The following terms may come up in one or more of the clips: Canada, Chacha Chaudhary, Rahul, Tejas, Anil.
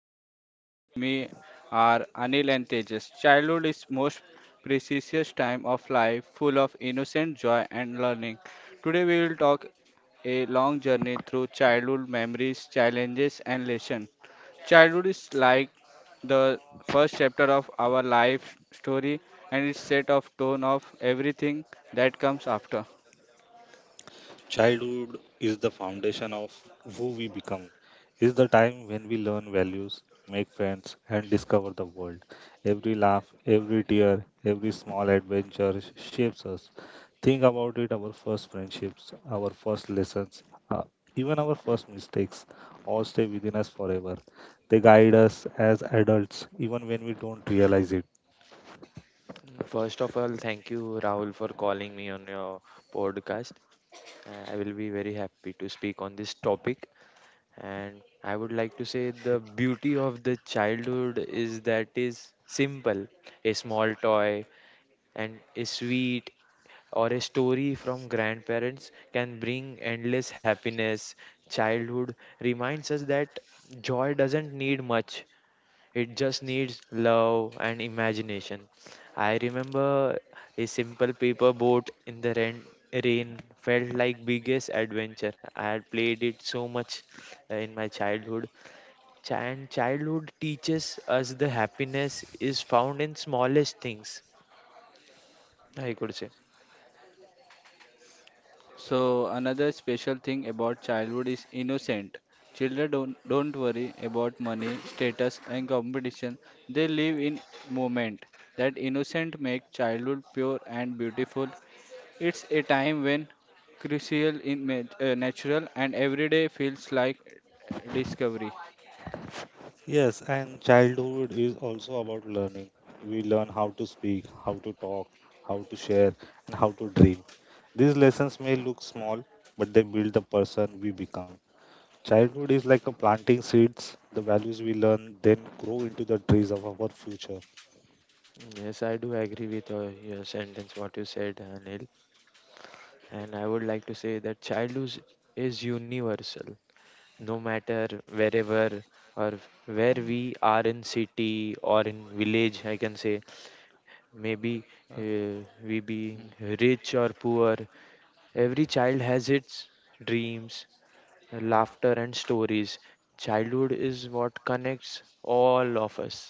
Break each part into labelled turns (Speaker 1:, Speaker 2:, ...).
Speaker 1: Rahul, and with me are Anil and Tejas. Childhood is most precious time of life, full of innocent joy and learning. Today, we will talk a long journey through childhood memories, challenges, and lessons. Childhood is like the first chapter of our life story, and it set of tone of everything that comes after.
Speaker 2: Childhood is the foundation of who we become. It's the time when we learn values, make friends, and discover the world. Every laugh, every tear, every small adventure shapes us. Think about it, our first friendships, our first lessons, uh, even our first mistakes all stay within us forever. They guide us as adults, even when we don't realize it.
Speaker 3: First of all, thank you, Rahul, for calling me on your podcast. I will be very happy to speak on this topic. And I would like to say the beauty of the childhood is that is simple. A small toy and a sweet or a story from grandparents can bring endless happiness. Childhood reminds us that joy doesn't need much. It just needs love and imagination. I remember a simple paper boat in the rain, rain felt like biggest adventure. I had played it so much in my childhood. And childhood teaches us the happiness is found in smallest things, I could say.
Speaker 1: So another special thing about childhood is innocent. Children don't worry about money, status and competition. They live in moment. That innocent make childhood pure and beautiful. It's a time when crucial in natural and every day feels like discovery.
Speaker 2: Yes, and childhood is also about learning. We learn how to speak, how to talk, how to share, and how to dream. These lessons may look small, but they build the person we become. Childhood is like a planting seeds. The values we learn then grow into the trees of our future.
Speaker 3: Yes, I do agree with your sentence, what you said, Anil. And I would like to say that childhood is universal. No matter wherever or where we are, in city or in village, I can say, maybe
Speaker 1: Uh,
Speaker 3: uh, we being rich or poor, every child has its dreams, laughter and stories. Childhood is what connects all of us,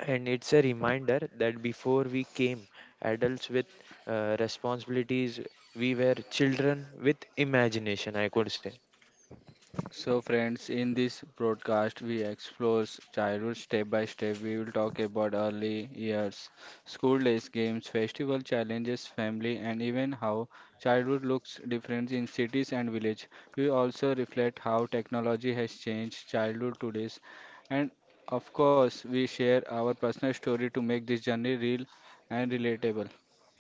Speaker 3: and it's a reminder that before we came adults with responsibilities, we were children with imagination, I could say.
Speaker 1: So, friends, in this broadcast, we explore childhood step by step. We will talk about early years, school days, games, festival challenges, family, and even how childhood looks different in cities and village. We also reflect how technology has changed childhood today's, and of course, we share our personal story to make this journey real and relatable.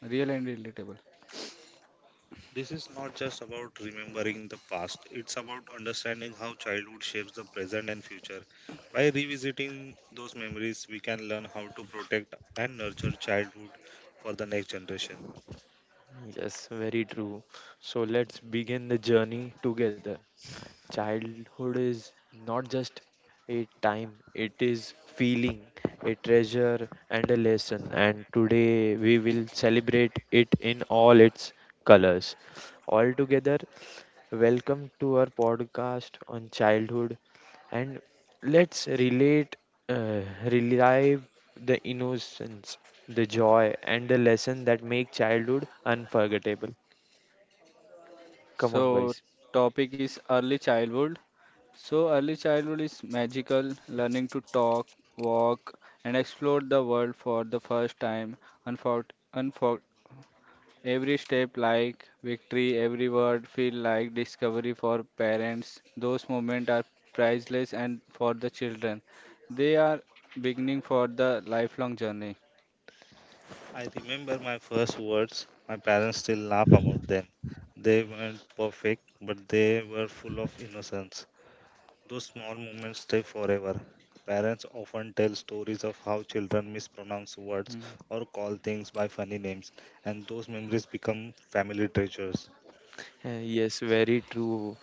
Speaker 1: Real and relatable.
Speaker 2: This is not just about remembering the past, it's about understanding how childhood shapes the present and future. By revisiting those memories, we can learn how to protect and nurture childhood for the next generation.
Speaker 3: Yes, very true. So let's begin the journey together. Childhood is not just a time, it is feeling, a treasure, and a lesson. And today we will celebrate it in all its colors. All together, welcome to our podcast on childhood. And let's relate, uh, relive the innocence, the joy, and the lesson that make childhood unforgettable. Come on,
Speaker 1: So,
Speaker 3: guys.
Speaker 1: topic is early childhood. So, early childhood is magical, learning to talk, walk, and explore the world for the first time. Unfor- unfor- every step like victory, every word feel like discovery for parents. Those moments are priceless and for the children. They are beginning for the lifelong journey.
Speaker 2: I remember my first words, my parents still laugh about them. They weren't perfect, but they were full of innocence. Those small moments stay forever. Parents often tell stories of how children mispronounce words
Speaker 1: Mm.
Speaker 2: or call things by funny names, and those memories become family treasures.
Speaker 3: Yes, very true.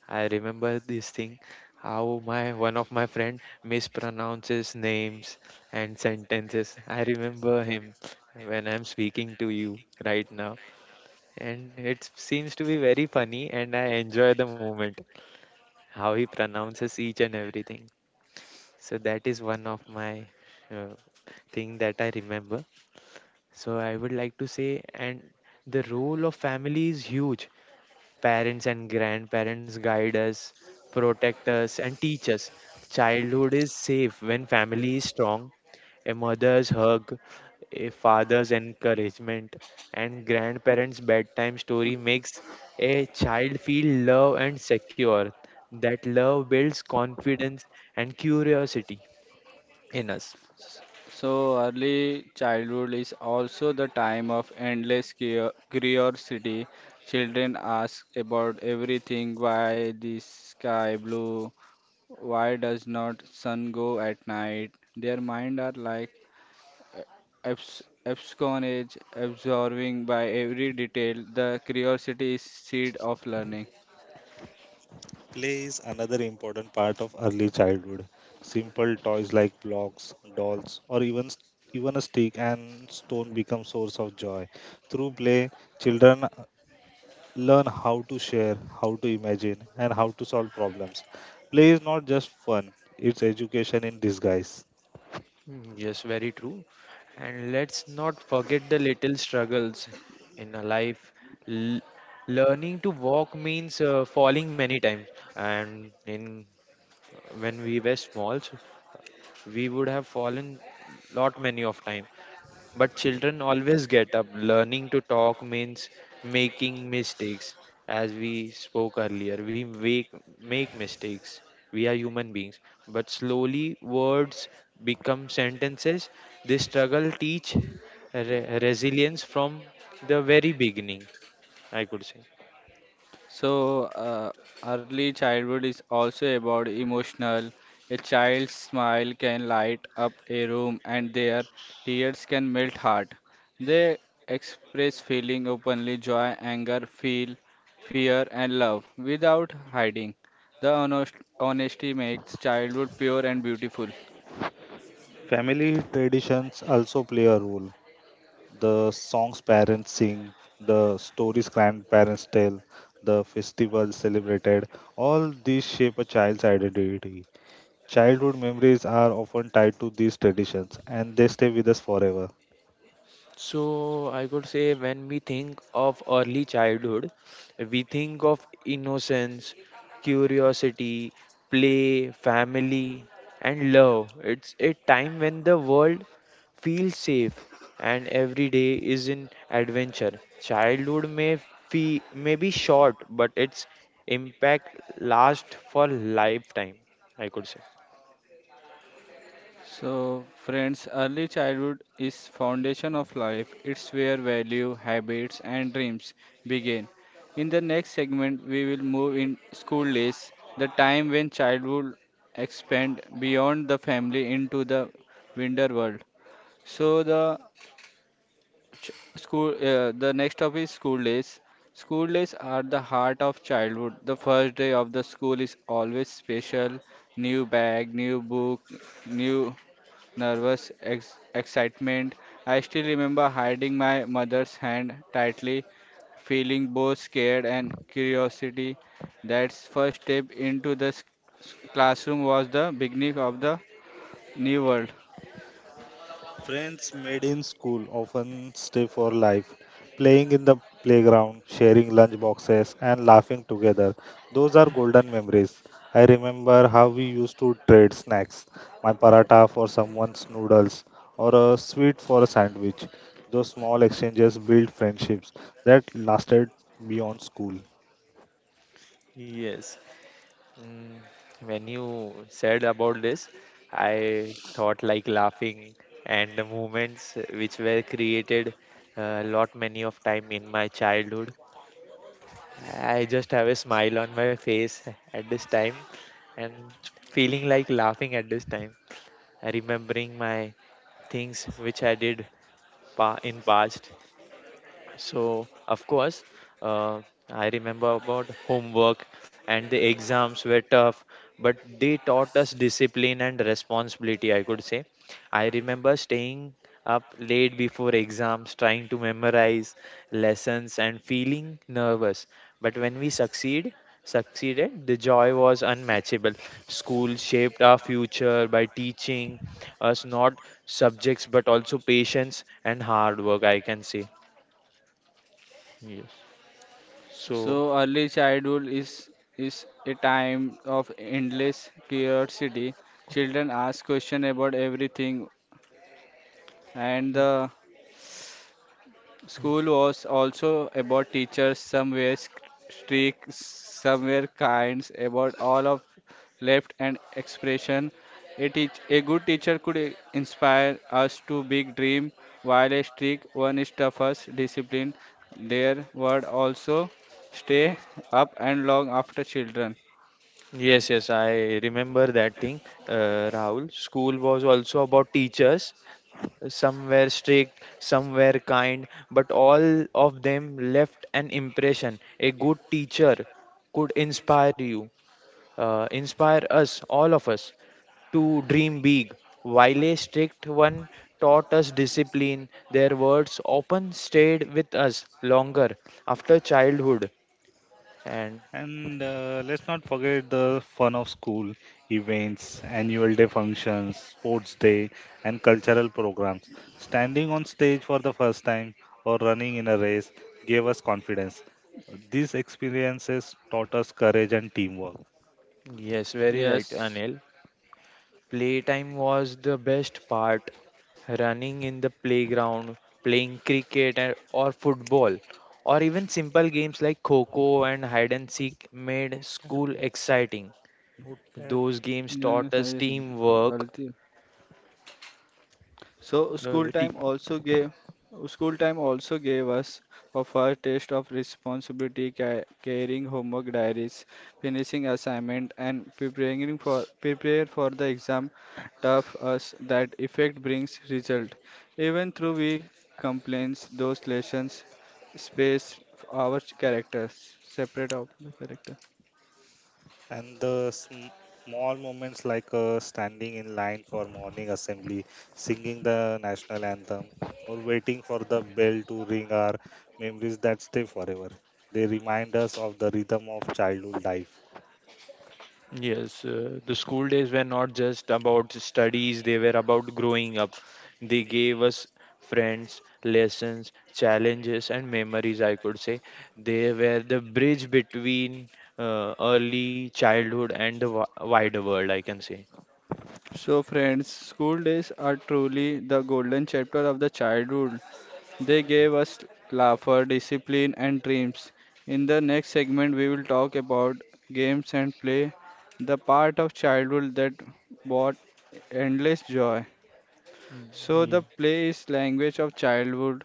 Speaker 3: I remember this thing. How my one of my friend mispronounces names and sentences. I remember him when I'm speaking to you right now, and it seems to be very funny, and I enjoy the moment how he pronounces each and everything. So that is one of my uh, thing that I remember. So I would like to say, and the role of family is huge. Parents and grandparents guide us, protect us, and teach us. Childhood is safe when family is strong. A mother's hug, a father's encouragement, and grandparents' bedtime story makes a child feel love and secure. That love builds confidence and curiosity in us.
Speaker 1: So, early childhood is also the time of endless curiosity. Children ask about everything why the sky blue, why does not sun go at night. Their mind are like absconage, absorbing by every detail. The curiosity is seed of learning.
Speaker 2: Play is another important part of early childhood. Simple toys like blocks, dolls, or even a stick and stone become source of joy. Through play, children learn how to share, how to imagine, and how to solve problems. Play is not just fun; it's education in disguise.
Speaker 3: Yes, very true. And let's not forget the little struggles in a life. L- Learning to walk means falling many times. And in when we were small, so we would have fallen lot many of time, but children always get up. Learning to talk means making mistakes. As we spoke earlier, we make mistakes, we are human beings, but slowly words become sentences. This struggle teach resilience from the very beginning, I could say.
Speaker 1: So, uh, Early childhood is also about emotional. A child's smile can light up a room, and their tears can melt heart. They express feeling openly, joy, anger, feel, fear, and love without hiding. The honesty makes childhood pure and beautiful.
Speaker 2: Family traditions also play a role. The songs parents sing, the stories grandparents tell, the festivals celebrated, all these shape a child's identity. Childhood memories are often tied to these traditions and they stay with us forever.
Speaker 3: So I could say when we think of early childhood, we think of innocence, curiosity, play, family, and love. It's a time when the world feels safe and every day is an adventure. Childhood may be short, but its impact lasts for lifetime, I could say.
Speaker 1: So, friends, early childhood is foundation of life. It's where value, habits, and dreams begin. In the next segment, we will move in school days, the time when childhood expand beyond the family into the wider world. So, the ch- the next topic is school days. School days are the heart of childhood. The first day of the school is always special. New bag, new book, new nervous excitement. I still remember hiding my mother's hand tightly, feeling both scared and curiosity. That first step into the classroom was the beginning of the new world.
Speaker 2: Friends made in school often stay for life. Playing in the playground, sharing lunch boxes, and laughing together. Those are golden memories. I remember how we used to trade snacks, my paratha for someone's noodles, or a sweet for a sandwich. Those small exchanges built friendships that lasted beyond school.
Speaker 3: Yes. Mm, when you said about this, I thought like laughing and the moments which were created a lot many of time in my childhood. I just have a smile on my face at this time and feeling like laughing at this time, remembering my things which I did pa in past. So, of course, uh, I remember about homework and the exams were tough, but they taught us discipline and responsibility, I could say. I remember staying up late before exams, trying to memorize lessons and feeling nervous. But when we succeeded, the joy was unmatchable. School shaped our future by teaching us not subjects but also patience and hard work, I can say. Yes. So,
Speaker 1: So early childhood is a time of endless curiosity. Children ask questions about everything and the School was also about teachers, some were strict, some were kind, about all of left and expression. A good teacher could inspire us to big dream, while a strict one is tough us discipline. Their word also stay up and long after children.
Speaker 3: yes, I remember that thing, Rahul. School was also about teachers. Some were strict, some were kind, but all of them left an impression. A good teacher could inspire us, all of us, to dream big. While a strict one taught us discipline, their words often stayed with us longer after childhood. And
Speaker 2: And let's not forget the fun of school events, annual day functions, sports day, and cultural programs. Standing on stage for the first time or running in a race gave us confidence. These experiences taught us courage and teamwork.
Speaker 3: yes, very right,
Speaker 1: Yes.
Speaker 3: Anil. Playtime was the best part. Running in the playground, playing cricket or football, or even simple games like Coco and hide and seek made school
Speaker 2: Notepad,
Speaker 3: exciting.
Speaker 2: notepad.
Speaker 3: Those games taught us teamwork,
Speaker 1: गलती So school
Speaker 3: uh,
Speaker 1: time also gave school time also gave us a first taste of responsibility, carrying homework diaries, finishing assignment, and preparing for prepare for the exam. Tough us that effect brings result. Even through we complaints, those lessons space our characters, separate of the character.
Speaker 2: And the small moments like standing in line for morning assembly, singing the national anthem, or waiting for the bell to ring are memories that stay forever. They remind us of the rhythm of childhood life.
Speaker 3: yes, the school days were not just about studies, they were about growing up. They gave us friends, lessons, challenges, and memories, I could say. They were the bridge between early childhood and the wider world, I can say.
Speaker 1: So friends, school days are truly the golden chapter of the childhood. They gave us laughter, discipline, and dreams. In the next segment, we will talk about games and play, the part of childhood that brought endless joy.
Speaker 3: Mm,
Speaker 1: So the
Speaker 3: yeah.
Speaker 1: play is language of childhood.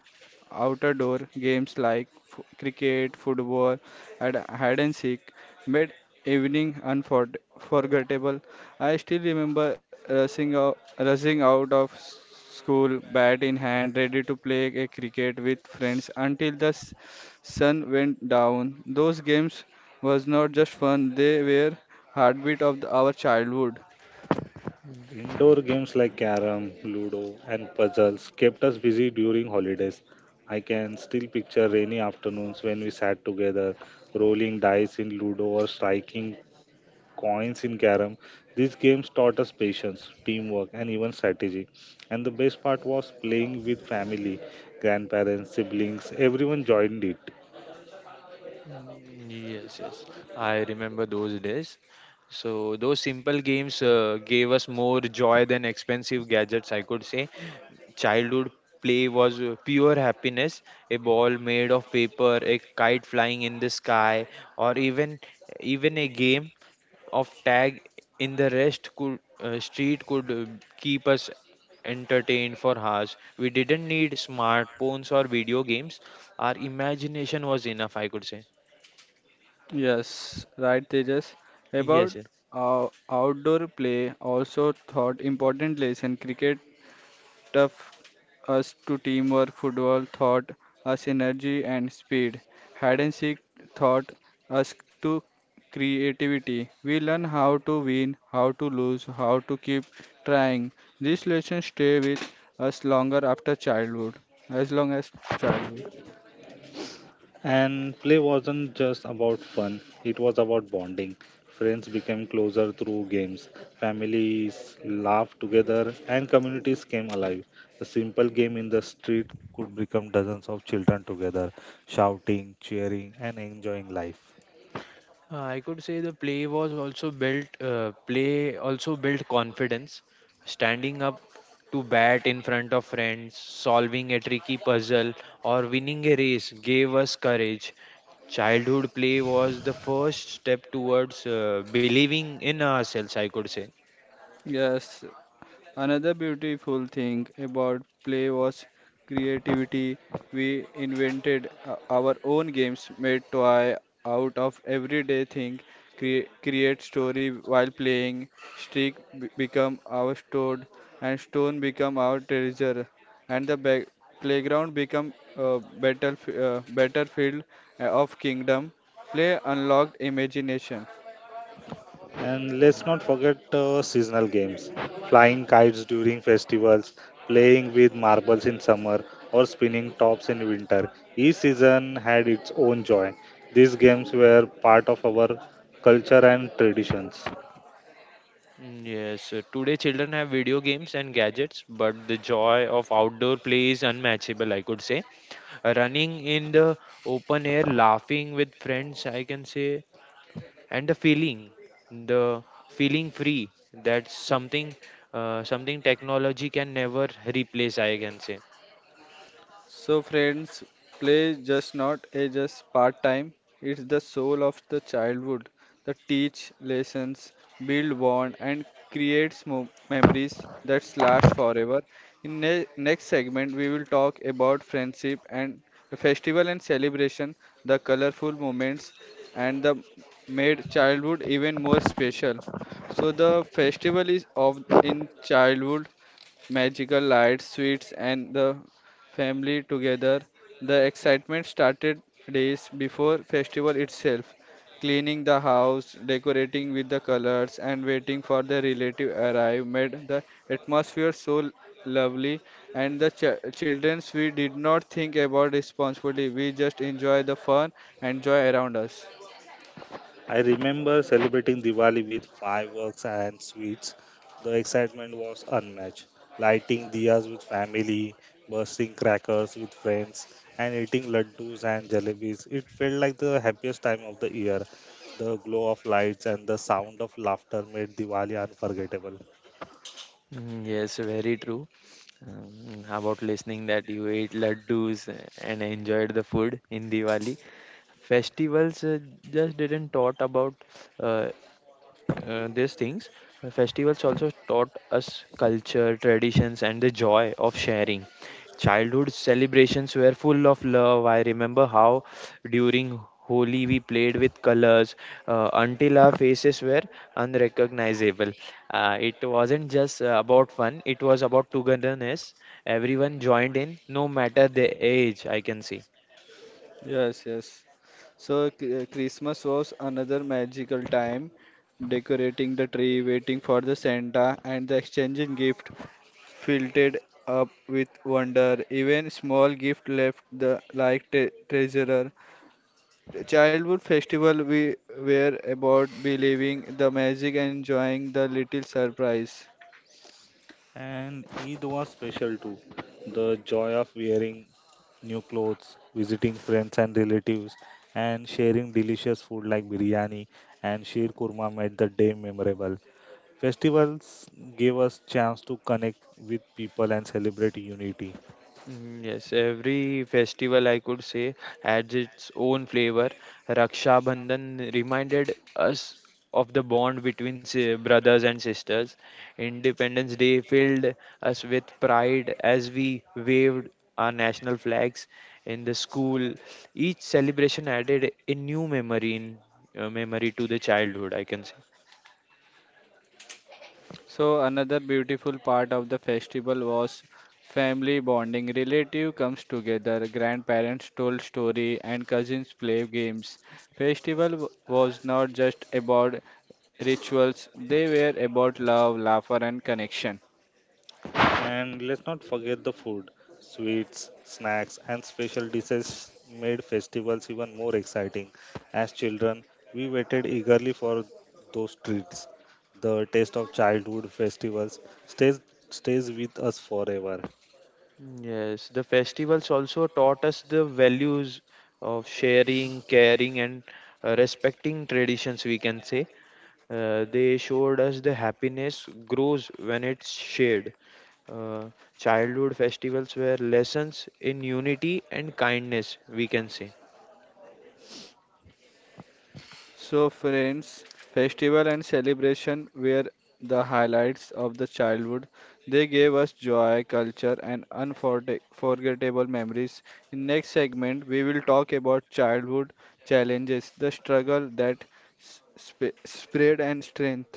Speaker 1: Outdoor games like cricket, football, and hide and seek made evening unforgettable. I still remember rushing out of school, bat in hand, ready to play a cricket with friends until the sun went down. Those games was not just fun; they were heartbeat of our childhood.
Speaker 3: Mm.
Speaker 2: Indoor games like carom, ludo, and puzzles kept us busy during holidays. I can still picture rainy afternoons when we sat together, rolling dice in ludo or striking coins in carom. These games taught us patience, teamwork, and even strategy. And the best part was playing with family, grandparents, siblings, everyone joined it.
Speaker 3: Mm, yes, yes. I remember those days. So those simple games gave us more joy than expensive gadgets, I could say. Childhood play was pure happiness. A ball made of paper, a kite flying in the sky, or even a game of tag in the rest could street could keep us entertained for hours. We didn't need smartphones or video games. Our imagination was enough, I could say.
Speaker 1: Yes, right, Tejas.
Speaker 3: Yes,
Speaker 1: About
Speaker 3: yes.
Speaker 1: outdoor play, also thought important lesson. Cricket taught us to teamwork, football taught us energy and speed, hide and seek taught us to creativity. We learn how to win, how to lose, how to keep trying. These lessons stay with us longer after childhood, as long as childhood.
Speaker 2: And play wasn't just about fun, it was about bonding. Friends became closer through games, families laughed together, and communities came alive. A simple game in the street could become dozens of children together, shouting, cheering, and enjoying life.
Speaker 3: I could say the play was also built. Play also built confidence. Standing up to bat in front of friends, solving a tricky puzzle, or winning a race gave us courage. Childhood play was the first step towards believing in ourselves, I could say.
Speaker 1: Yes, another beautiful thing about play was creativity. We invented our own games, made toy out of everyday thing, create story while playing. Stick become our sword, and stone become our treasure, and playground become a battlefield of kingdom. Play unlocked imagination.
Speaker 2: And let's not forget seasonal games, flying kites during festivals, playing with marbles in summer, or spinning tops in winter. Each season had its own joy. These games were part of our culture and traditions.
Speaker 3: Mm, yes, today children have video games and gadgets, but the joy of outdoor play is unmatchable, I could say. Running in the open air, laughing with friends, I can say, and the feeling free, that's something technology can never replace, I can say.
Speaker 1: So, friends, play just not a just part time, it's the soul of the childhood that teach lessons, build bond, and creates memories that last forever. In next segment, we will talk about friendship and festival and celebration, the colorful moments, and the made childhood even more special. So the festival is of in childhood magical lights, sweets, and the family together. The excitement started days before festival itself. Cleaning the house, decorating with the colors, and waiting for the relative arrive made the atmosphere so lovely. And the childrens, we did not think about responsibility. We just enjoy the fun and joy around us.
Speaker 2: I remember celebrating Diwali with fireworks and sweets. The excitement was unmatched. Lighting diyas with family, bursting crackers with friends, and eating laddus and jalebis. It felt like the happiest time of the year. The glow of lights and the sound of laughter made Diwali unforgettable.
Speaker 3: Mm, yes, very true. About listening that you ate laddus and enjoyed the food in Diwali. Festivals just didn't taught about uh, these things. Festivals also taught us culture, traditions, and the joy of sharing. Childhood celebrations were full of love. I remember how during Holi we played with colors until our faces were unrecognizable. It wasn't just about fun, it was about togetherness. Everyone joined in, no matter the age, I can see.
Speaker 1: Yes, yes. Christmas was another magical time, decorating the tree, waiting for the Santa, and the exchanging gift filled up with wonder. Even small gift left the like te treasurer. Childhood festival we were about believing the magic and enjoying the little surprise.
Speaker 2: And Eid was special too. The joy of wearing new clothes, visiting friends and relatives, and sharing delicious food like biryani and sheer kurma made the day memorable. Festivals gave us chance to connect with people and celebrate unity.
Speaker 3: Mm, yes, every festival I could say adds its own flavor. Raksha Bandhan reminded us of the bond between brothers and sisters. Independence Day filled us with pride as we waved our national flags in the school. Each celebration added a new memory in memory to the childhood, I can say.
Speaker 1: So another beautiful part of the festival was family bonding. Relative comes together, grandparents told story and cousins play games. Was not just about rituals, they were about love, laughter and connection.
Speaker 2: And let's not forget the food, sweets, snacks, and special dishes made festivals even more exciting. As children, we waited eagerly for those treats. The taste of childhood festivals stays stays with us forever.
Speaker 3: Yes, the festivals also taught us the values of sharing, caring, and respecting traditions, we can say. They showed us the happiness grows when it's shared. Uh, Childhood festivals were lessons in unity and kindness, we can say.
Speaker 1: So, friends, festival and celebration were the highlights of the childhood. They gave us joy, culture, and unforgettable memories. In next segment, we will talk about childhood challenges, the struggle that spread and strength.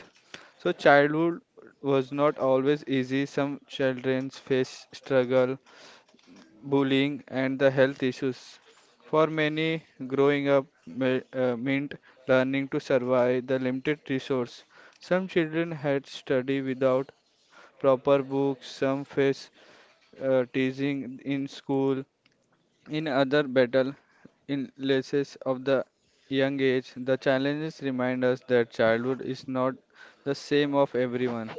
Speaker 1: So, childhood was not always easy. Some children face struggle, bullying, and the health issues. For many, growing up meant learning to survive the limited resource. Some children had study without proper books, some faced teasing in school, in other battle in illnesses of the young age. The challenges remind us that childhood is not the same of everyone.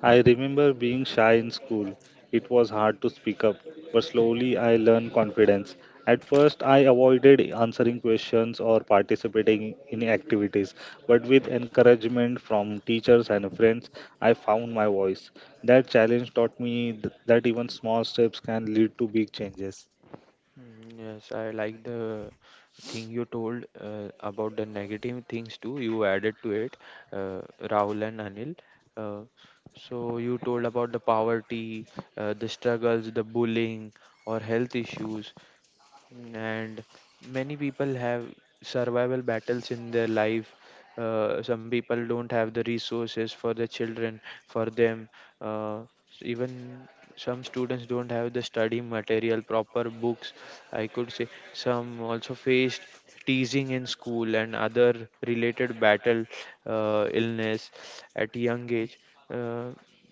Speaker 2: I remember being shy in school. It was hard to speak up, but slowly I learned confidence. At first, I avoided answering questions or participating in activities, but with encouragement from teachers and friends, I found my voice. That challenge taught me that even small steps can lead to big changes.
Speaker 3: Mm, yes, I like the thing you told about the negative things too. You added to it, Rahul and Anil. Uh, so you told about the poverty, the struggles, the bullying, or health issues, and many people have survival battles in their life. Some people don't have the resources for their children, for them, uh, even some students don't have the study material, proper books, I could say. Some also faced teasing in school, and other related battle, illness at young age. Uh,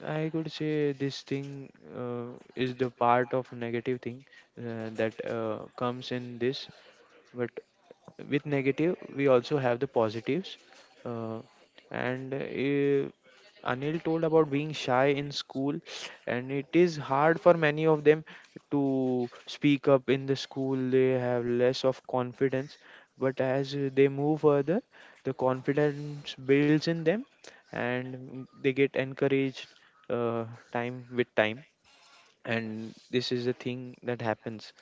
Speaker 3: I could say this thing is the part of negative thing that comes in this, but with negative we also have the positives. Uh, and Anil told about being shy in school, and it is hard for many of them to speak up in the school. They have less of confidence, but as they move further, the confidence builds in them, and they get encouraged uh, time with time, and this is the thing that happens.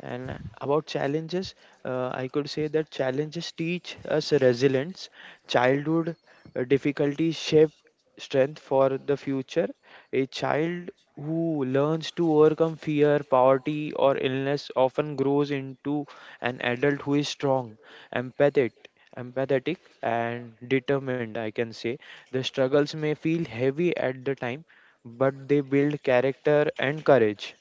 Speaker 3: And about challenges, I could say that challenges teach us resilience. Childhood difficulties shape strength for the future. A child who learns to overcome fear, poverty, or illness often grows into an adult who is strong, empathetic, empathetic, and determined, I can say. The struggles may feel heavy at the time, but they build character and courage.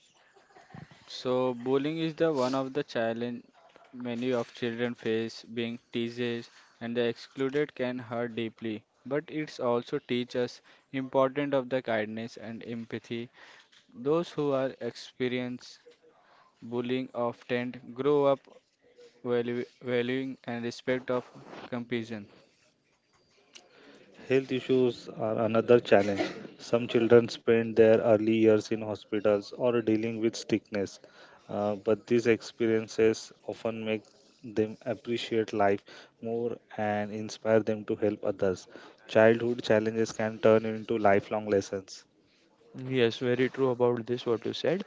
Speaker 1: So bullying is the one of the challenge many of children face. Being teased and the excluded can hurt deeply, but it's also teach us important of the kindness and empathy. Those who are experience bullying often grow up valu- valuing and respect of compassion.
Speaker 2: Health issues are another challenge. Some children spend their early years in hospitals or dealing with sickness, but these experiences often make them appreciate life more and inspire them to help others. Childhood challenges can turn into lifelong lessons.
Speaker 3: Yes, very true about this, what you said.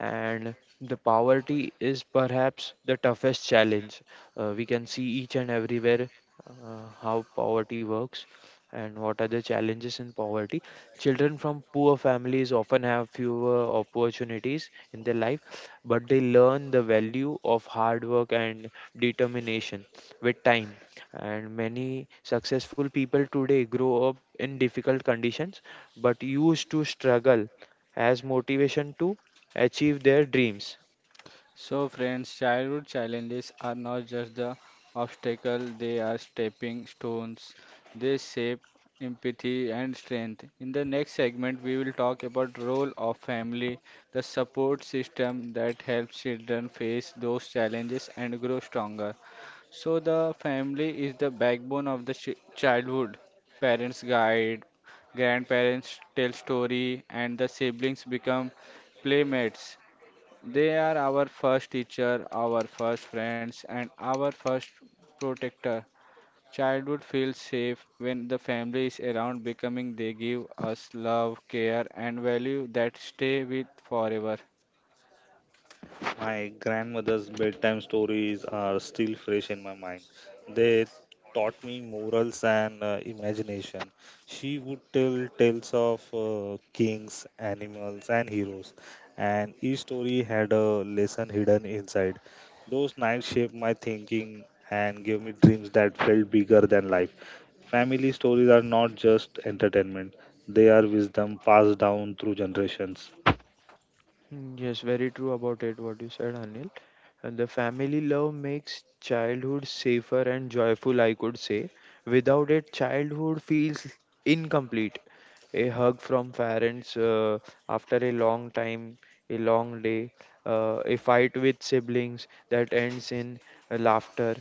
Speaker 3: And the poverty is perhaps the toughest challenge. We can see each and everywhere how poverty works and what are the challenges in poverty. Children from poor families often have fewer opportunities in their life, but they learn the value of hard work and determination with time. And many successful people today grow up in difficult conditions but used to struggle as motivation to achieve their dreams.
Speaker 1: So, friends, childhood challenges are not just the obstacle, they are stepping stones. They shape empathy and strength. In the next segment, we will talk about role of family, the support system that helps children face those challenges and grow stronger. So the family is the backbone of the childhood. Parents guide, grandparents tell story, and the siblings become playmates. They are our first teacher, our first friends, and our first protector. Childhood feels safe when the family is around, becoming they give us love, care, and value that stay with forever.
Speaker 2: My grandmother's bedtime stories are still fresh in my mind. They taught me morals and imagination. She would tell tales of kings, animals, and heroes, and each story had a lesson hidden inside. Those nights shaped my thinking and gave me dreams that felt bigger than life. Family stories are not just entertainment, they are wisdom passed down through generations.
Speaker 3: Mm, yes, very true about it, what you said, Anil. And the family love makes childhood safer and joyful, I could say. Without it, childhood feels incomplete. A hug from parents after a long time, a long day, a fight with siblings that ends in laughter.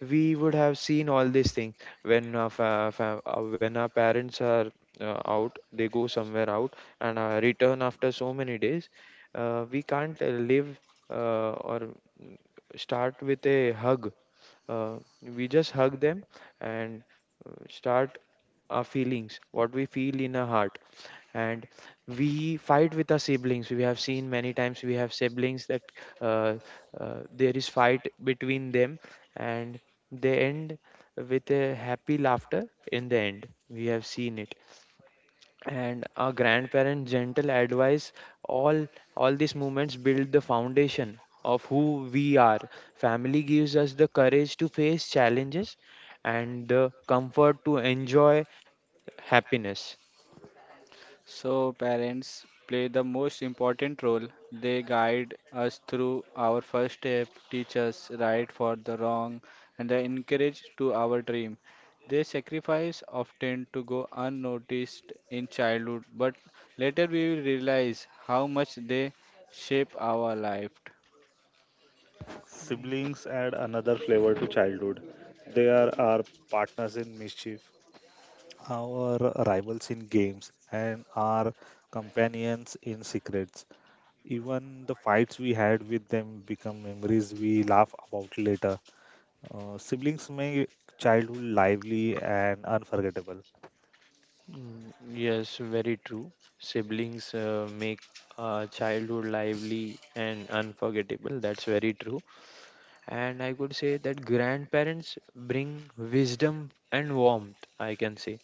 Speaker 3: We would have seen all these things when our when our parents are out, they go somewhere out and return after so many days. We can't live uh, or mm, start with a hug. Uh, we just hug them and start our feelings, what we feel in our heart. And we fight with our siblings. We have seen many times we have siblings that uh, there is fight between them and they end with a happy laughter in the end, we have seen it. And our grandparents' gentle advice, all all these moments build the foundation of who we are. Family gives us the courage to face challenges and the comfort to enjoy happiness.
Speaker 1: So, parents play the most important role. They guide us through our first step, teach us right for the wrong, and they encourage to our dream. Their sacrifice often to go unnoticed in childhood, but later we will realize how much they shape our life.
Speaker 2: Siblings add another flavor to childhood. They are our partners in mischief, our rivals in games, and our companions in secrets. Even the fights we had with them become memories we laugh about later. Siblings make childhood lively and unforgettable.
Speaker 3: Yes, very true. Siblings make childhood lively and unforgettable. That's very true. And I could say that grandparents bring wisdom and warmth, I can say.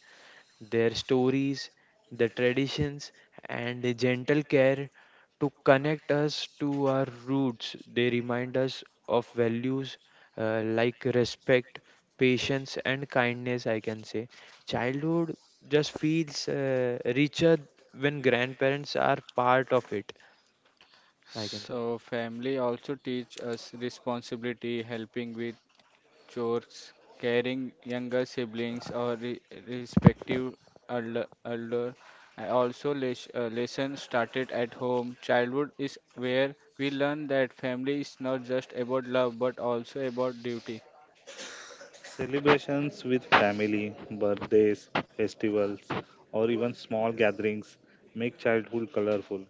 Speaker 3: Their stories, the traditions, and the gentle care to connect us to our roots. They remind us of values like respect, patience, and kindness. I can say childhood just feels richer when grandparents are part of it. I can say
Speaker 1: So, family also teach us responsibility, helping with chores, caring younger siblings or respective elder, elder. I also lesson started at home. Childhood is where we learn that family is not just about love but also about duty.
Speaker 2: Celebrations with family, birthdays, festivals, or even small gatherings make childhood colorful.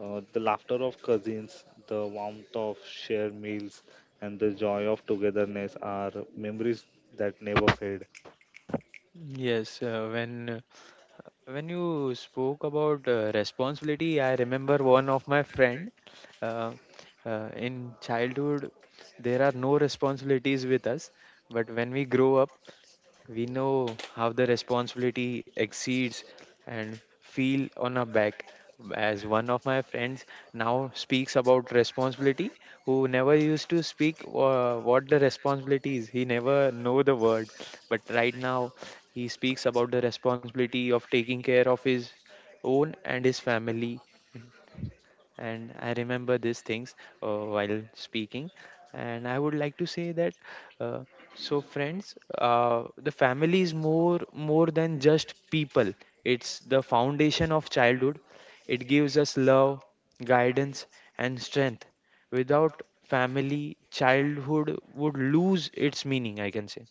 Speaker 2: The laughter of cousins, the warmth of shared meals, and the joy of togetherness are memories that never fade.
Speaker 3: yes. When you spoke about responsibility, I remember one of my friend. uh, in childhood there are no responsibilities with us, but when we grow up we know how the responsibility exceeds and feel on our back, as one of my friends now speaks about responsibility, who never used to speak what the responsibility is, he never know the word. But right now he speaks about the responsibility of taking care of his own and his family, and I remember these things while speaking. And I would like to say that uh, so friends, the family is more than just people. It's the foundation of childhood. It gives us love, guidance, and strength. Without family, childhood would lose its meaning. I can say.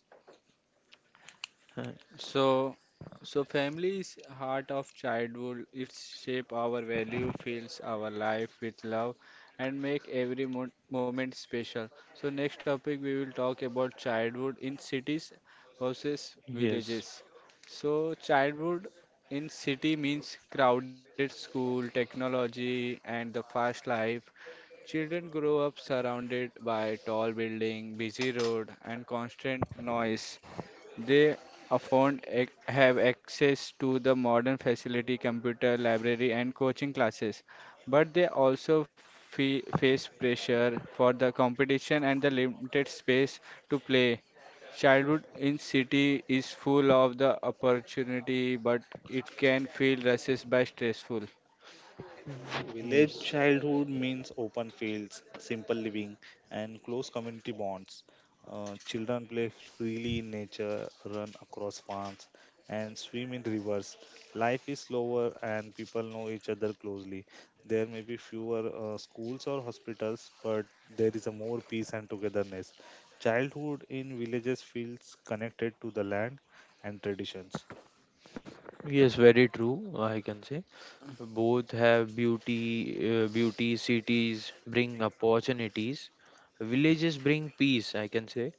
Speaker 3: Uh,
Speaker 1: So, so family is heart of childhood. It shape our value, fills our life with love, and make every mo moment special. So next topic we will talk about childhood in cities versus
Speaker 3: Yes,
Speaker 1: villages. So childhood in city means crowded school, technology, and the fast life. Children grow up surrounded by tall building, busy road, and constant noise. They often have access to the modern facility, computer, library, and coaching classes, but they also fe face pressure for the competition and the limited space to play. Childhood in city is full of the opportunity, but it can feel rushed by stressful.
Speaker 2: Village
Speaker 3: Yes,
Speaker 2: childhood means open fields, simple living, and close community bonds. Children play freely in nature, run across farms, and swim in rivers. Life is slower, and people know each other closely. There may be fewer schools or hospitals, but there is a more peace and togetherness. Childhood in villages feels connected to the land and traditions.
Speaker 3: yes, very true, I can say. Both have beauty, beauty cities bring opportunities. Villages bring peace, I can say.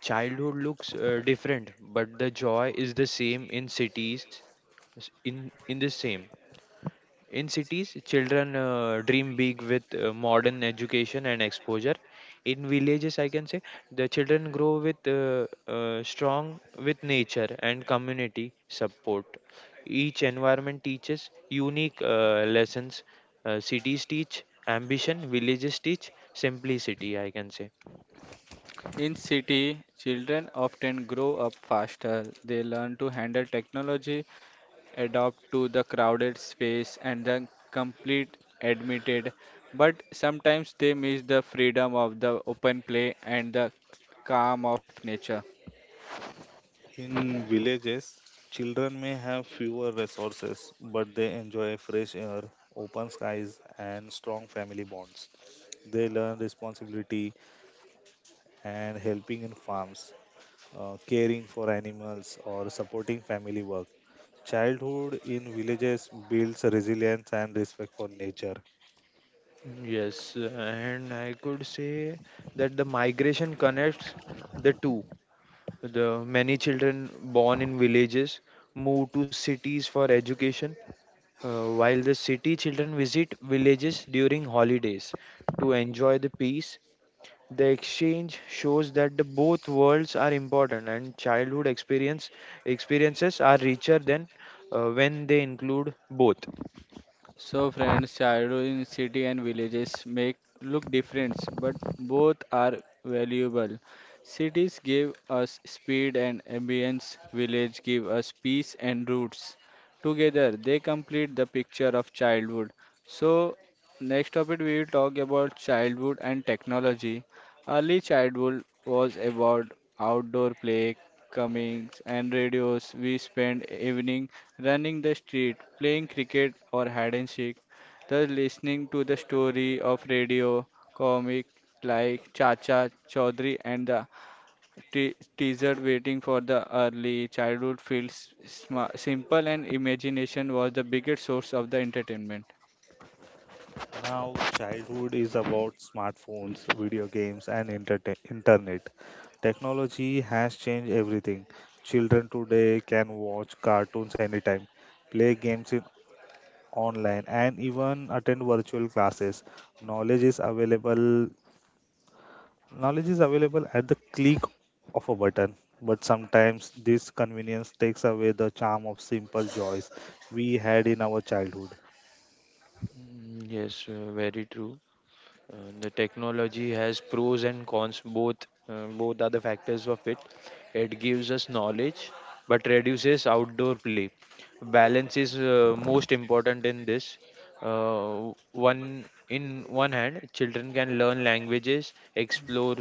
Speaker 3: Childhood looks different, but the joy is the same in cities, in the same. In cities, children dream big with modern education and exposure. In villages, I can say the children grow with strong with nature and community support. Each environment teaches unique lessons. Cities teach ambition, villages teach simplicity. I can say
Speaker 1: In city, children often grow up faster. They learn to handle technology, adapt to the crowded space and the complete admitted but sometimes they miss the freedom of the open play and the calm of nature.
Speaker 2: In villages, children may have fewer resources, but they enjoy fresh air, open skies, and strong family bonds. They learn responsibility and helping in farms, caring for animals, or supporting family work. Childhood in villages builds resilience and respect for nature.
Speaker 3: yes, and I could say that the migration connects the two. The many children born in villages move to cities for education, while the city children visit villages during holidays to enjoy the peace. The exchange shows that the both worlds are important and childhood experiences are richer than when they include both.
Speaker 1: So friends, childhood in city and villages make look different, but both are valuable. Cities give us speed and ambience, village give us peace and roots. Together they complete the picture of childhood. So next topic we will talk about childhood and technology. Early childhood was about outdoor play, comings and radios. We spent evening running the street, playing cricket or hide and seek, thus listening to the story of radio comic like Chacha Chaudhary and the teaser waiting for the early childhood feels sma simple and imagination was the biggest source of the entertainment.
Speaker 2: Now, childhood is about smartphones, video games, and internet. Technology has changed everything. Children today can watch cartoons anytime, play games in online, and even attend virtual classes. Knowledge is available. Knowledge is available at the click of a button. But sometimes this convenience takes away the charm of simple joys we had in our childhood.
Speaker 3: Yes, very true. The technology has pros and cons, both both are the factors of it. It gives us knowledge but reduces outdoor play. Balance is most important in this. One in one hand, children can learn languages, explore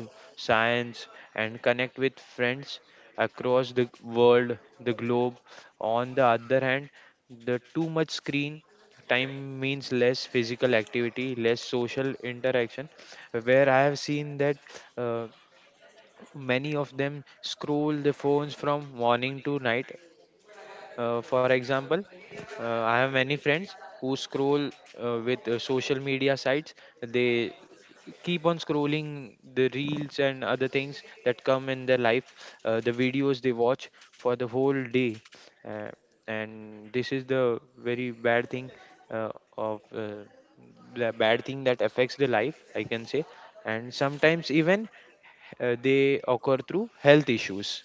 Speaker 3: science, and connect with friends across the world, the globe. On the other hand, the too much screen time means less physical activity, less social interaction. Where I have seen that uh, many of them scroll the phones from morning to night, for example, I have many friends who scroll with social media sites. They keep on scrolling the reels and other things that come in their life, the videos they watch for the whole day. Uh, and this is the very bad thing uh, of the bad thing that affects the life, I can say. And sometimes even they occur through health issues.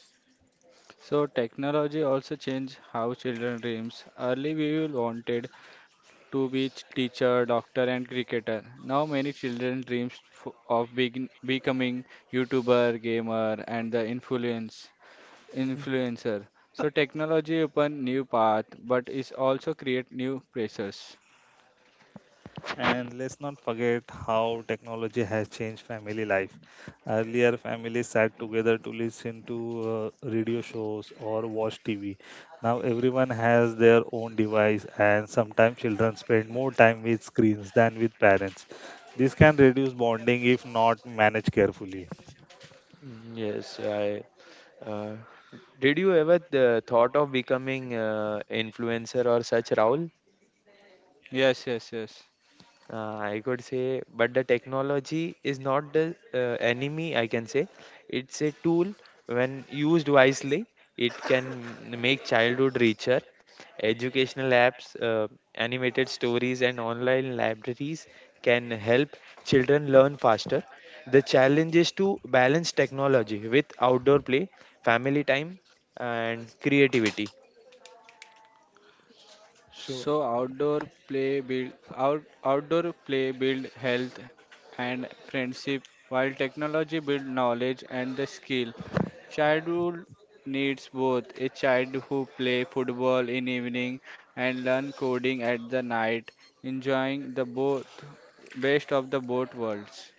Speaker 1: So technology also changed how children dreams. Early we will wanted to be teacher, doctor and cricketer. Now many children dreams of begin becoming YouTuber, gamer and the influencer. So technology open new path but is also create new pressures.
Speaker 2: And let's not forget how technology has changed family life. Earlier, families sat together to listen to radio shows or watch TV. Now, everyone has their own device, and sometimes children spend more time with screens than with parents. This can reduce bonding if not managed carefully.
Speaker 3: Yes, I. Uh, did you ever thought of becoming influencer or such, Rahul?
Speaker 1: Yes, yes, yes.
Speaker 3: I could say, but the technology is not the enemy, I can say. It's a tool when used wisely. It can make childhood richer. Educational apps, animated stories, and online libraries can help children learn faster. The challenge is to balance technology with outdoor play, family time, and creativity. So,
Speaker 1: So outdoor play build health and friendship while technology build knowledge and the skill. Childhood needs both a child who play football in evening and learn coding at the night, enjoying the both best of the both worlds.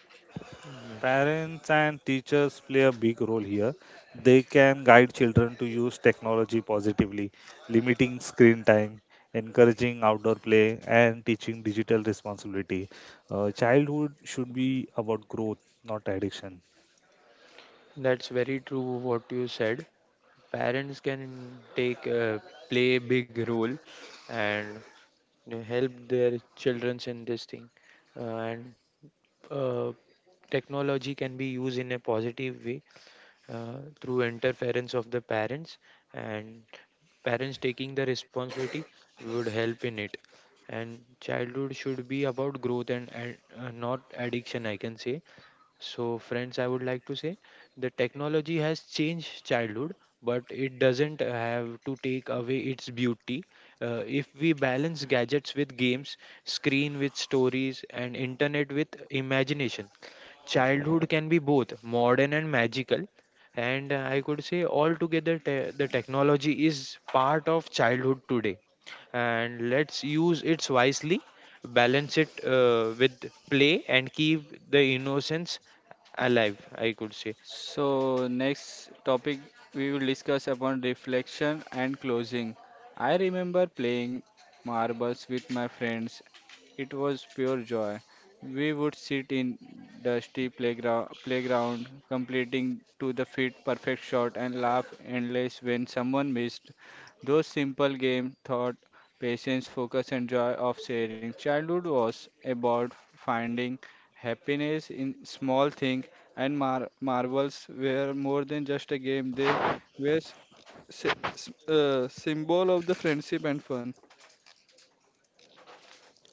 Speaker 3: yes.
Speaker 2: Parents and teachers play a big role here. They can guide children to use technology positively, limiting screen time, encouraging outdoor play, and teaching digital responsibility. Childhood should be about growth, not addiction.
Speaker 3: That's very true what you said. Parents can take play a big role, and they help their children in this thing uh, and uh, technology can be used in a positive way through interference of the parents, and parents taking the responsibility would help in it. And childhood should be about growth and, not addiction, I can say. So, friends, I would like to say the technology has changed childhood, but it doesn't have to take away its beauty. If we balance gadgets with games, screen with stories, and internet with imagination, childhood can be both modern and magical. And I could say altogether, the technology is part of childhood today, and let's use it wisely, balance it with play, and keep the innocence alive, I could say.
Speaker 1: So next topic we will discuss upon reflection and closing. I remember playing marbles with my friends. It was pure joy. We would sit in playground completing to the fit perfect shot and laugh endless when someone missed. Those simple games taught patience, focus, and joy of sharing. Childhood was about finding happiness in small things, and marbles were more than just a game, they were symbol of the friendship and fun.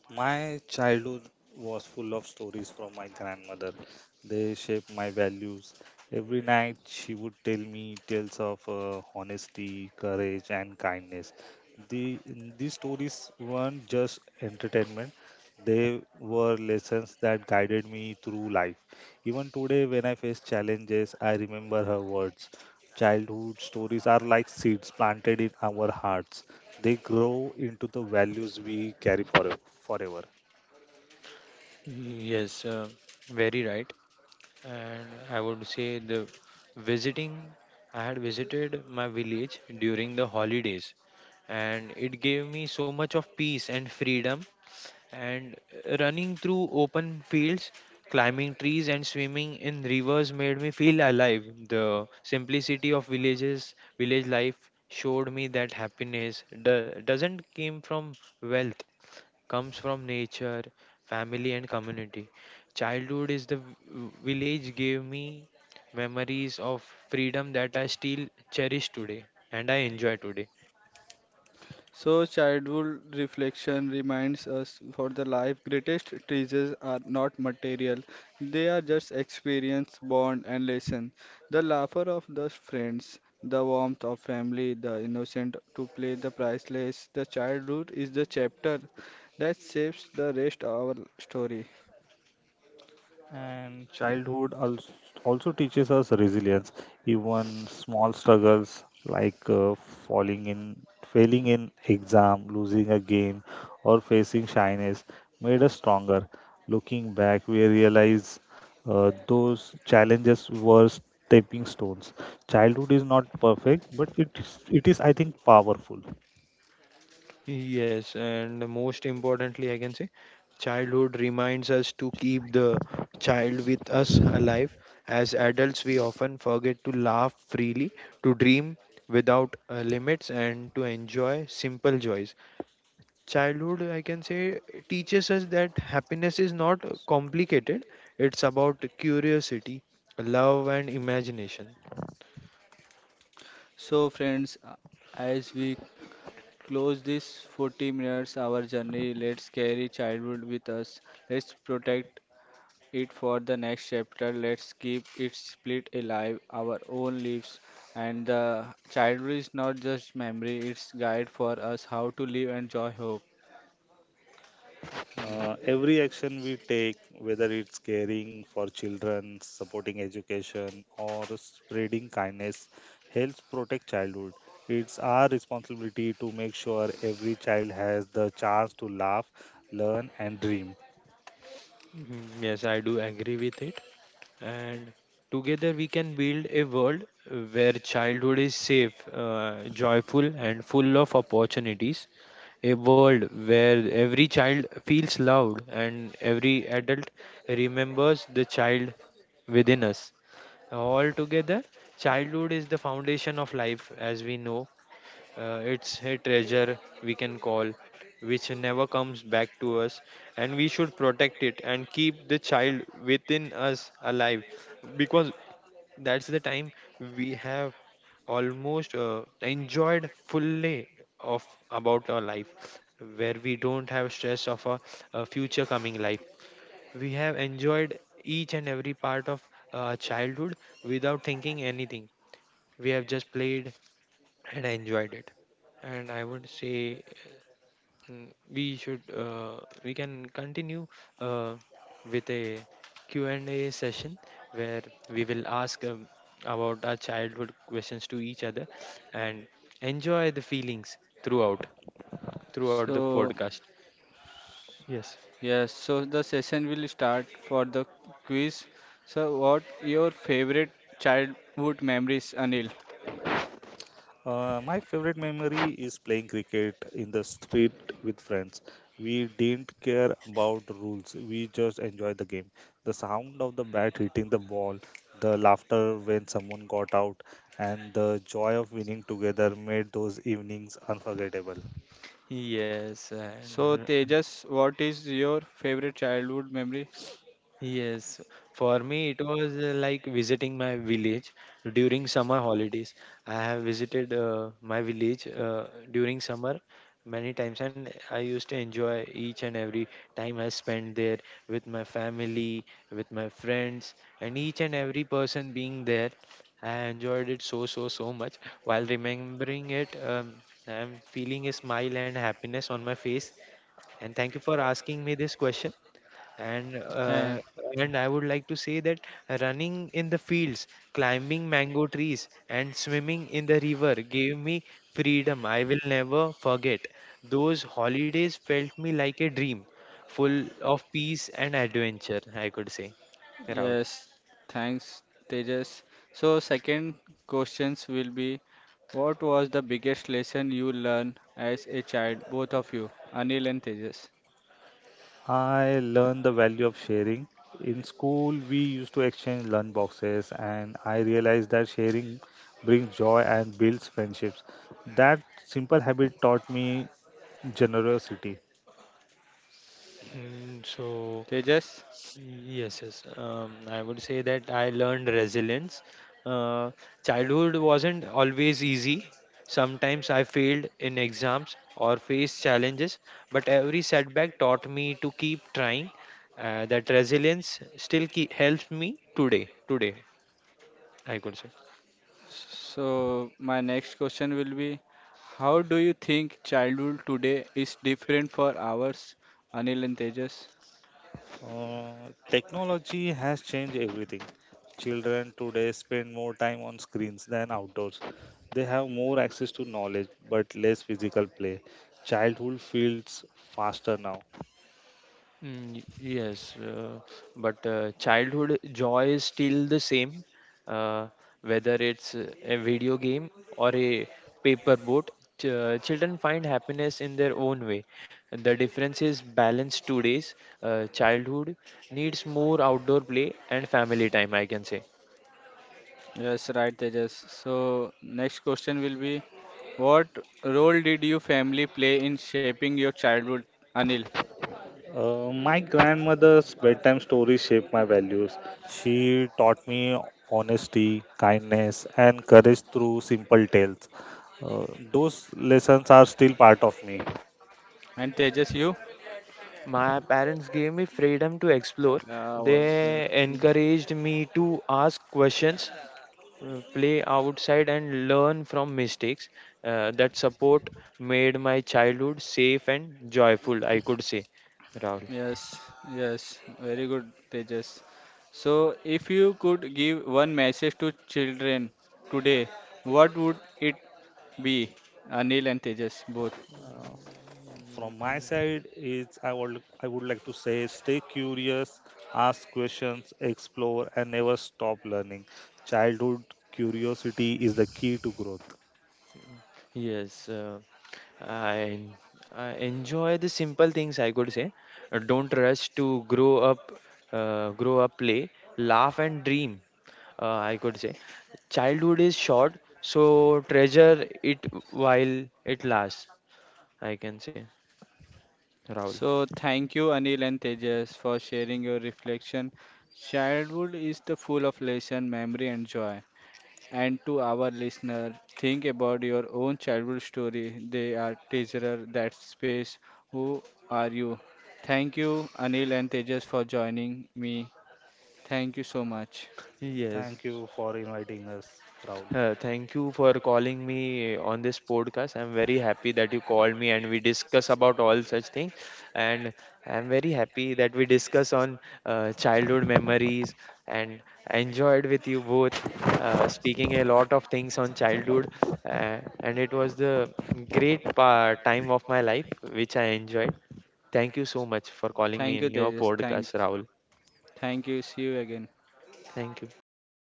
Speaker 2: My childhood was full of stories from my grandmother. They shaped my values. Every night she would tell me tales of honesty, courage, and kindness. The, these stories weren't just entertainment, they were lessons that guided me through life. Even today, when I face challenges, I remember her words. Childhood stories are like seeds planted in our hearts, they grow into the values we carry forever.
Speaker 3: Yes, very right. And I would say the visiting, I had visited my village during the holidays, and it gave me so much of peace and freedom. And running through open fields, climbing trees, and swimming in rivers made me feel alive. The simplicity of villages, village life showed me that happiness doesn't come from wealth, comes from nature, family, and community. Childhood is the village gave me memories of freedom that I still cherish today and I enjoy today.
Speaker 1: So childhood reflection reminds us for the life greatest treasures are not material. They are just experience, bond and lesson. The laughter of the friends, the warmth of family, the innocent to play the priceless. The childhood is the chapter that shapes the rest of our story.
Speaker 2: And childhood also teaches us resilience. Even small struggles like falling in, failing in exam, losing a game, or facing shyness made us stronger. Looking back, we realize those challenges were stepping stones. Childhood is not perfect, but it is, I think, powerful.
Speaker 3: Yes, and most importantly, I can say childhood reminds us to keep the child with us alive. As adults, we often forget to laugh freely, to dream without limits, and to enjoy simple joys. Childhood, I can say, teaches us that happiness is not complicated. It's about curiosity, love, and imagination.
Speaker 1: So friends, as we close this 40 minutes our journey, let's carry childhood with us. Let's protect it for the next chapter. Let's keep it split alive, our own lives. And the childhood is not just memory, it's guide for us how to live and joy hope.
Speaker 2: Every action we take, whether it's caring for children, supporting education, or spreading kindness, helps protect childhood. It's our responsibility to make sure every child has the chance to laugh, learn, and dream.
Speaker 3: Yes, I do agree with it. And together we can build a world where childhood is safe, joyful, and full of opportunities. A world where every child feels loved and every adult remembers the child within us. Altogether, childhood is the foundation of life, as we know. It's a treasure we can call, which never comes back to us, and we should protect it and keep the child within us alive, because that's the time we have almost enjoyed fully of about our life, where we don't have stress of a future coming life. We have enjoyed each and every part of childhood without thinking anything. We have just played and enjoyed it. And I would say we should we can continue uh, with a Q and a session where we will ask about our childhood questions to each other and enjoy the feelings throughout throughout the
Speaker 1: So
Speaker 3: podcast. Yes.
Speaker 1: yes, so the session will start for the quiz. So what your favorite childhood memories, Anil?
Speaker 2: My favorite memory is playing cricket in the street with friends. We didn't care about rules. We just enjoyed the game. The sound of the bat hitting the ball, the laughter when someone got out, and the joy of winning together made those evenings unforgettable.
Speaker 3: Yes, and
Speaker 1: So Tejas, what is your favorite childhood memory?
Speaker 3: yes, for me it was like visiting my village during summer holidays. I have visited my village during summer many times, and I used to enjoy each and every time I spent there with my family, with my friends, and each and every person being there. I enjoyed it so, so, so much. While remembering it, I'm feeling a smile and happiness on my face. And thank you for asking me this question. And and I would like to say that running in the fields, climbing mango trees, and swimming in the river gave me freedom I will never forget. Those holidays felt me like a dream, full of peace and adventure, I could say, Rahul.
Speaker 1: Yes, thanks, Tejas. So, second questions will be, what was the biggest lesson you learned as a child, both of you, Anil and Tejas?
Speaker 2: I learned the value of sharing. In school, we used to exchange lunch boxes, and I realized that sharing brings joy and builds friendships. That simple habit taught me generosity.
Speaker 3: Mm, so
Speaker 1: Tejas,
Speaker 3: Yes, yes. I would say that I learned resilience. Uh, Childhood wasn't always easy. Sometimes I failed in exams or faced challenges, but every setback taught me to keep trying. That resilience still keep, helps me today. Today, I could say.
Speaker 1: so my next question will be, how do you think childhood today is different for ours, Anil and Tejas?
Speaker 2: Technology has changed everything. Children today spend more time on screens than outdoors. They have more access to knowledge but less physical play. Childhood feels faster now.
Speaker 3: Mm, y- yes, but childhood joy is still the same, uh, whether it's a video game or a paper boat. Children find happiness in their own way. The difference is balance today's childhood needs more outdoor play and family time, I can say.
Speaker 1: Yes, right, Tejas. So, next question will be, what role did your family play in shaping your childhood, Anil?
Speaker 2: My grandmother's bedtime stories shaped my values. She taught me honesty, kindness, and courage through simple tales. Uh, those lessons are still part of me.
Speaker 1: And Tejas, you?
Speaker 3: My parents gave me freedom to explore.
Speaker 1: Yeah, well, the,
Speaker 3: They encouraged me to ask questions, play outside, and learn from mistakes. That support made my childhood safe and joyful, I could say, Rahul.
Speaker 1: yes, yes, very good, Tejas. So, if you could give one message to children today, what would it be, Anil and Tejas both?
Speaker 2: Uh, from my
Speaker 3: Mm,
Speaker 2: side, is I would like to say, stay curious, ask questions, explore, and never stop learning. Childhood curiosity is the key to growth.
Speaker 3: Yes, I, en- I enjoy the simple things, I could say. Don't rush to grow up, play, laugh, and dream, I could say. Childhood is short, so treasure it while it lasts, I can say, Rahul.
Speaker 1: So, thank you, Anil and Tejas, for sharing your reflection. Childhood is the full of lesson, memory, and joy. And to our listener, think about your own childhood story. They are treasurer that space. Who are you? Thank you, Anil and Tejas, for joining me. Thank you so much.
Speaker 2: Thank
Speaker 3: Yes.
Speaker 2: you for inviting us, Raul.
Speaker 3: Thank you for calling me on this podcast. I'm very happy that you called me and we discuss about all such things. And I'm very happy that we discuss on childhood memories, and I enjoyed with you both speaking a lot of things on childhood. And it was the great time of my life which I enjoyed. Thank you so much for calling me
Speaker 1: Thank you,
Speaker 3: in your
Speaker 1: Tejas.
Speaker 3: podcast, Rahul.
Speaker 1: Thank you. See you again.
Speaker 3: Thank you, both of you.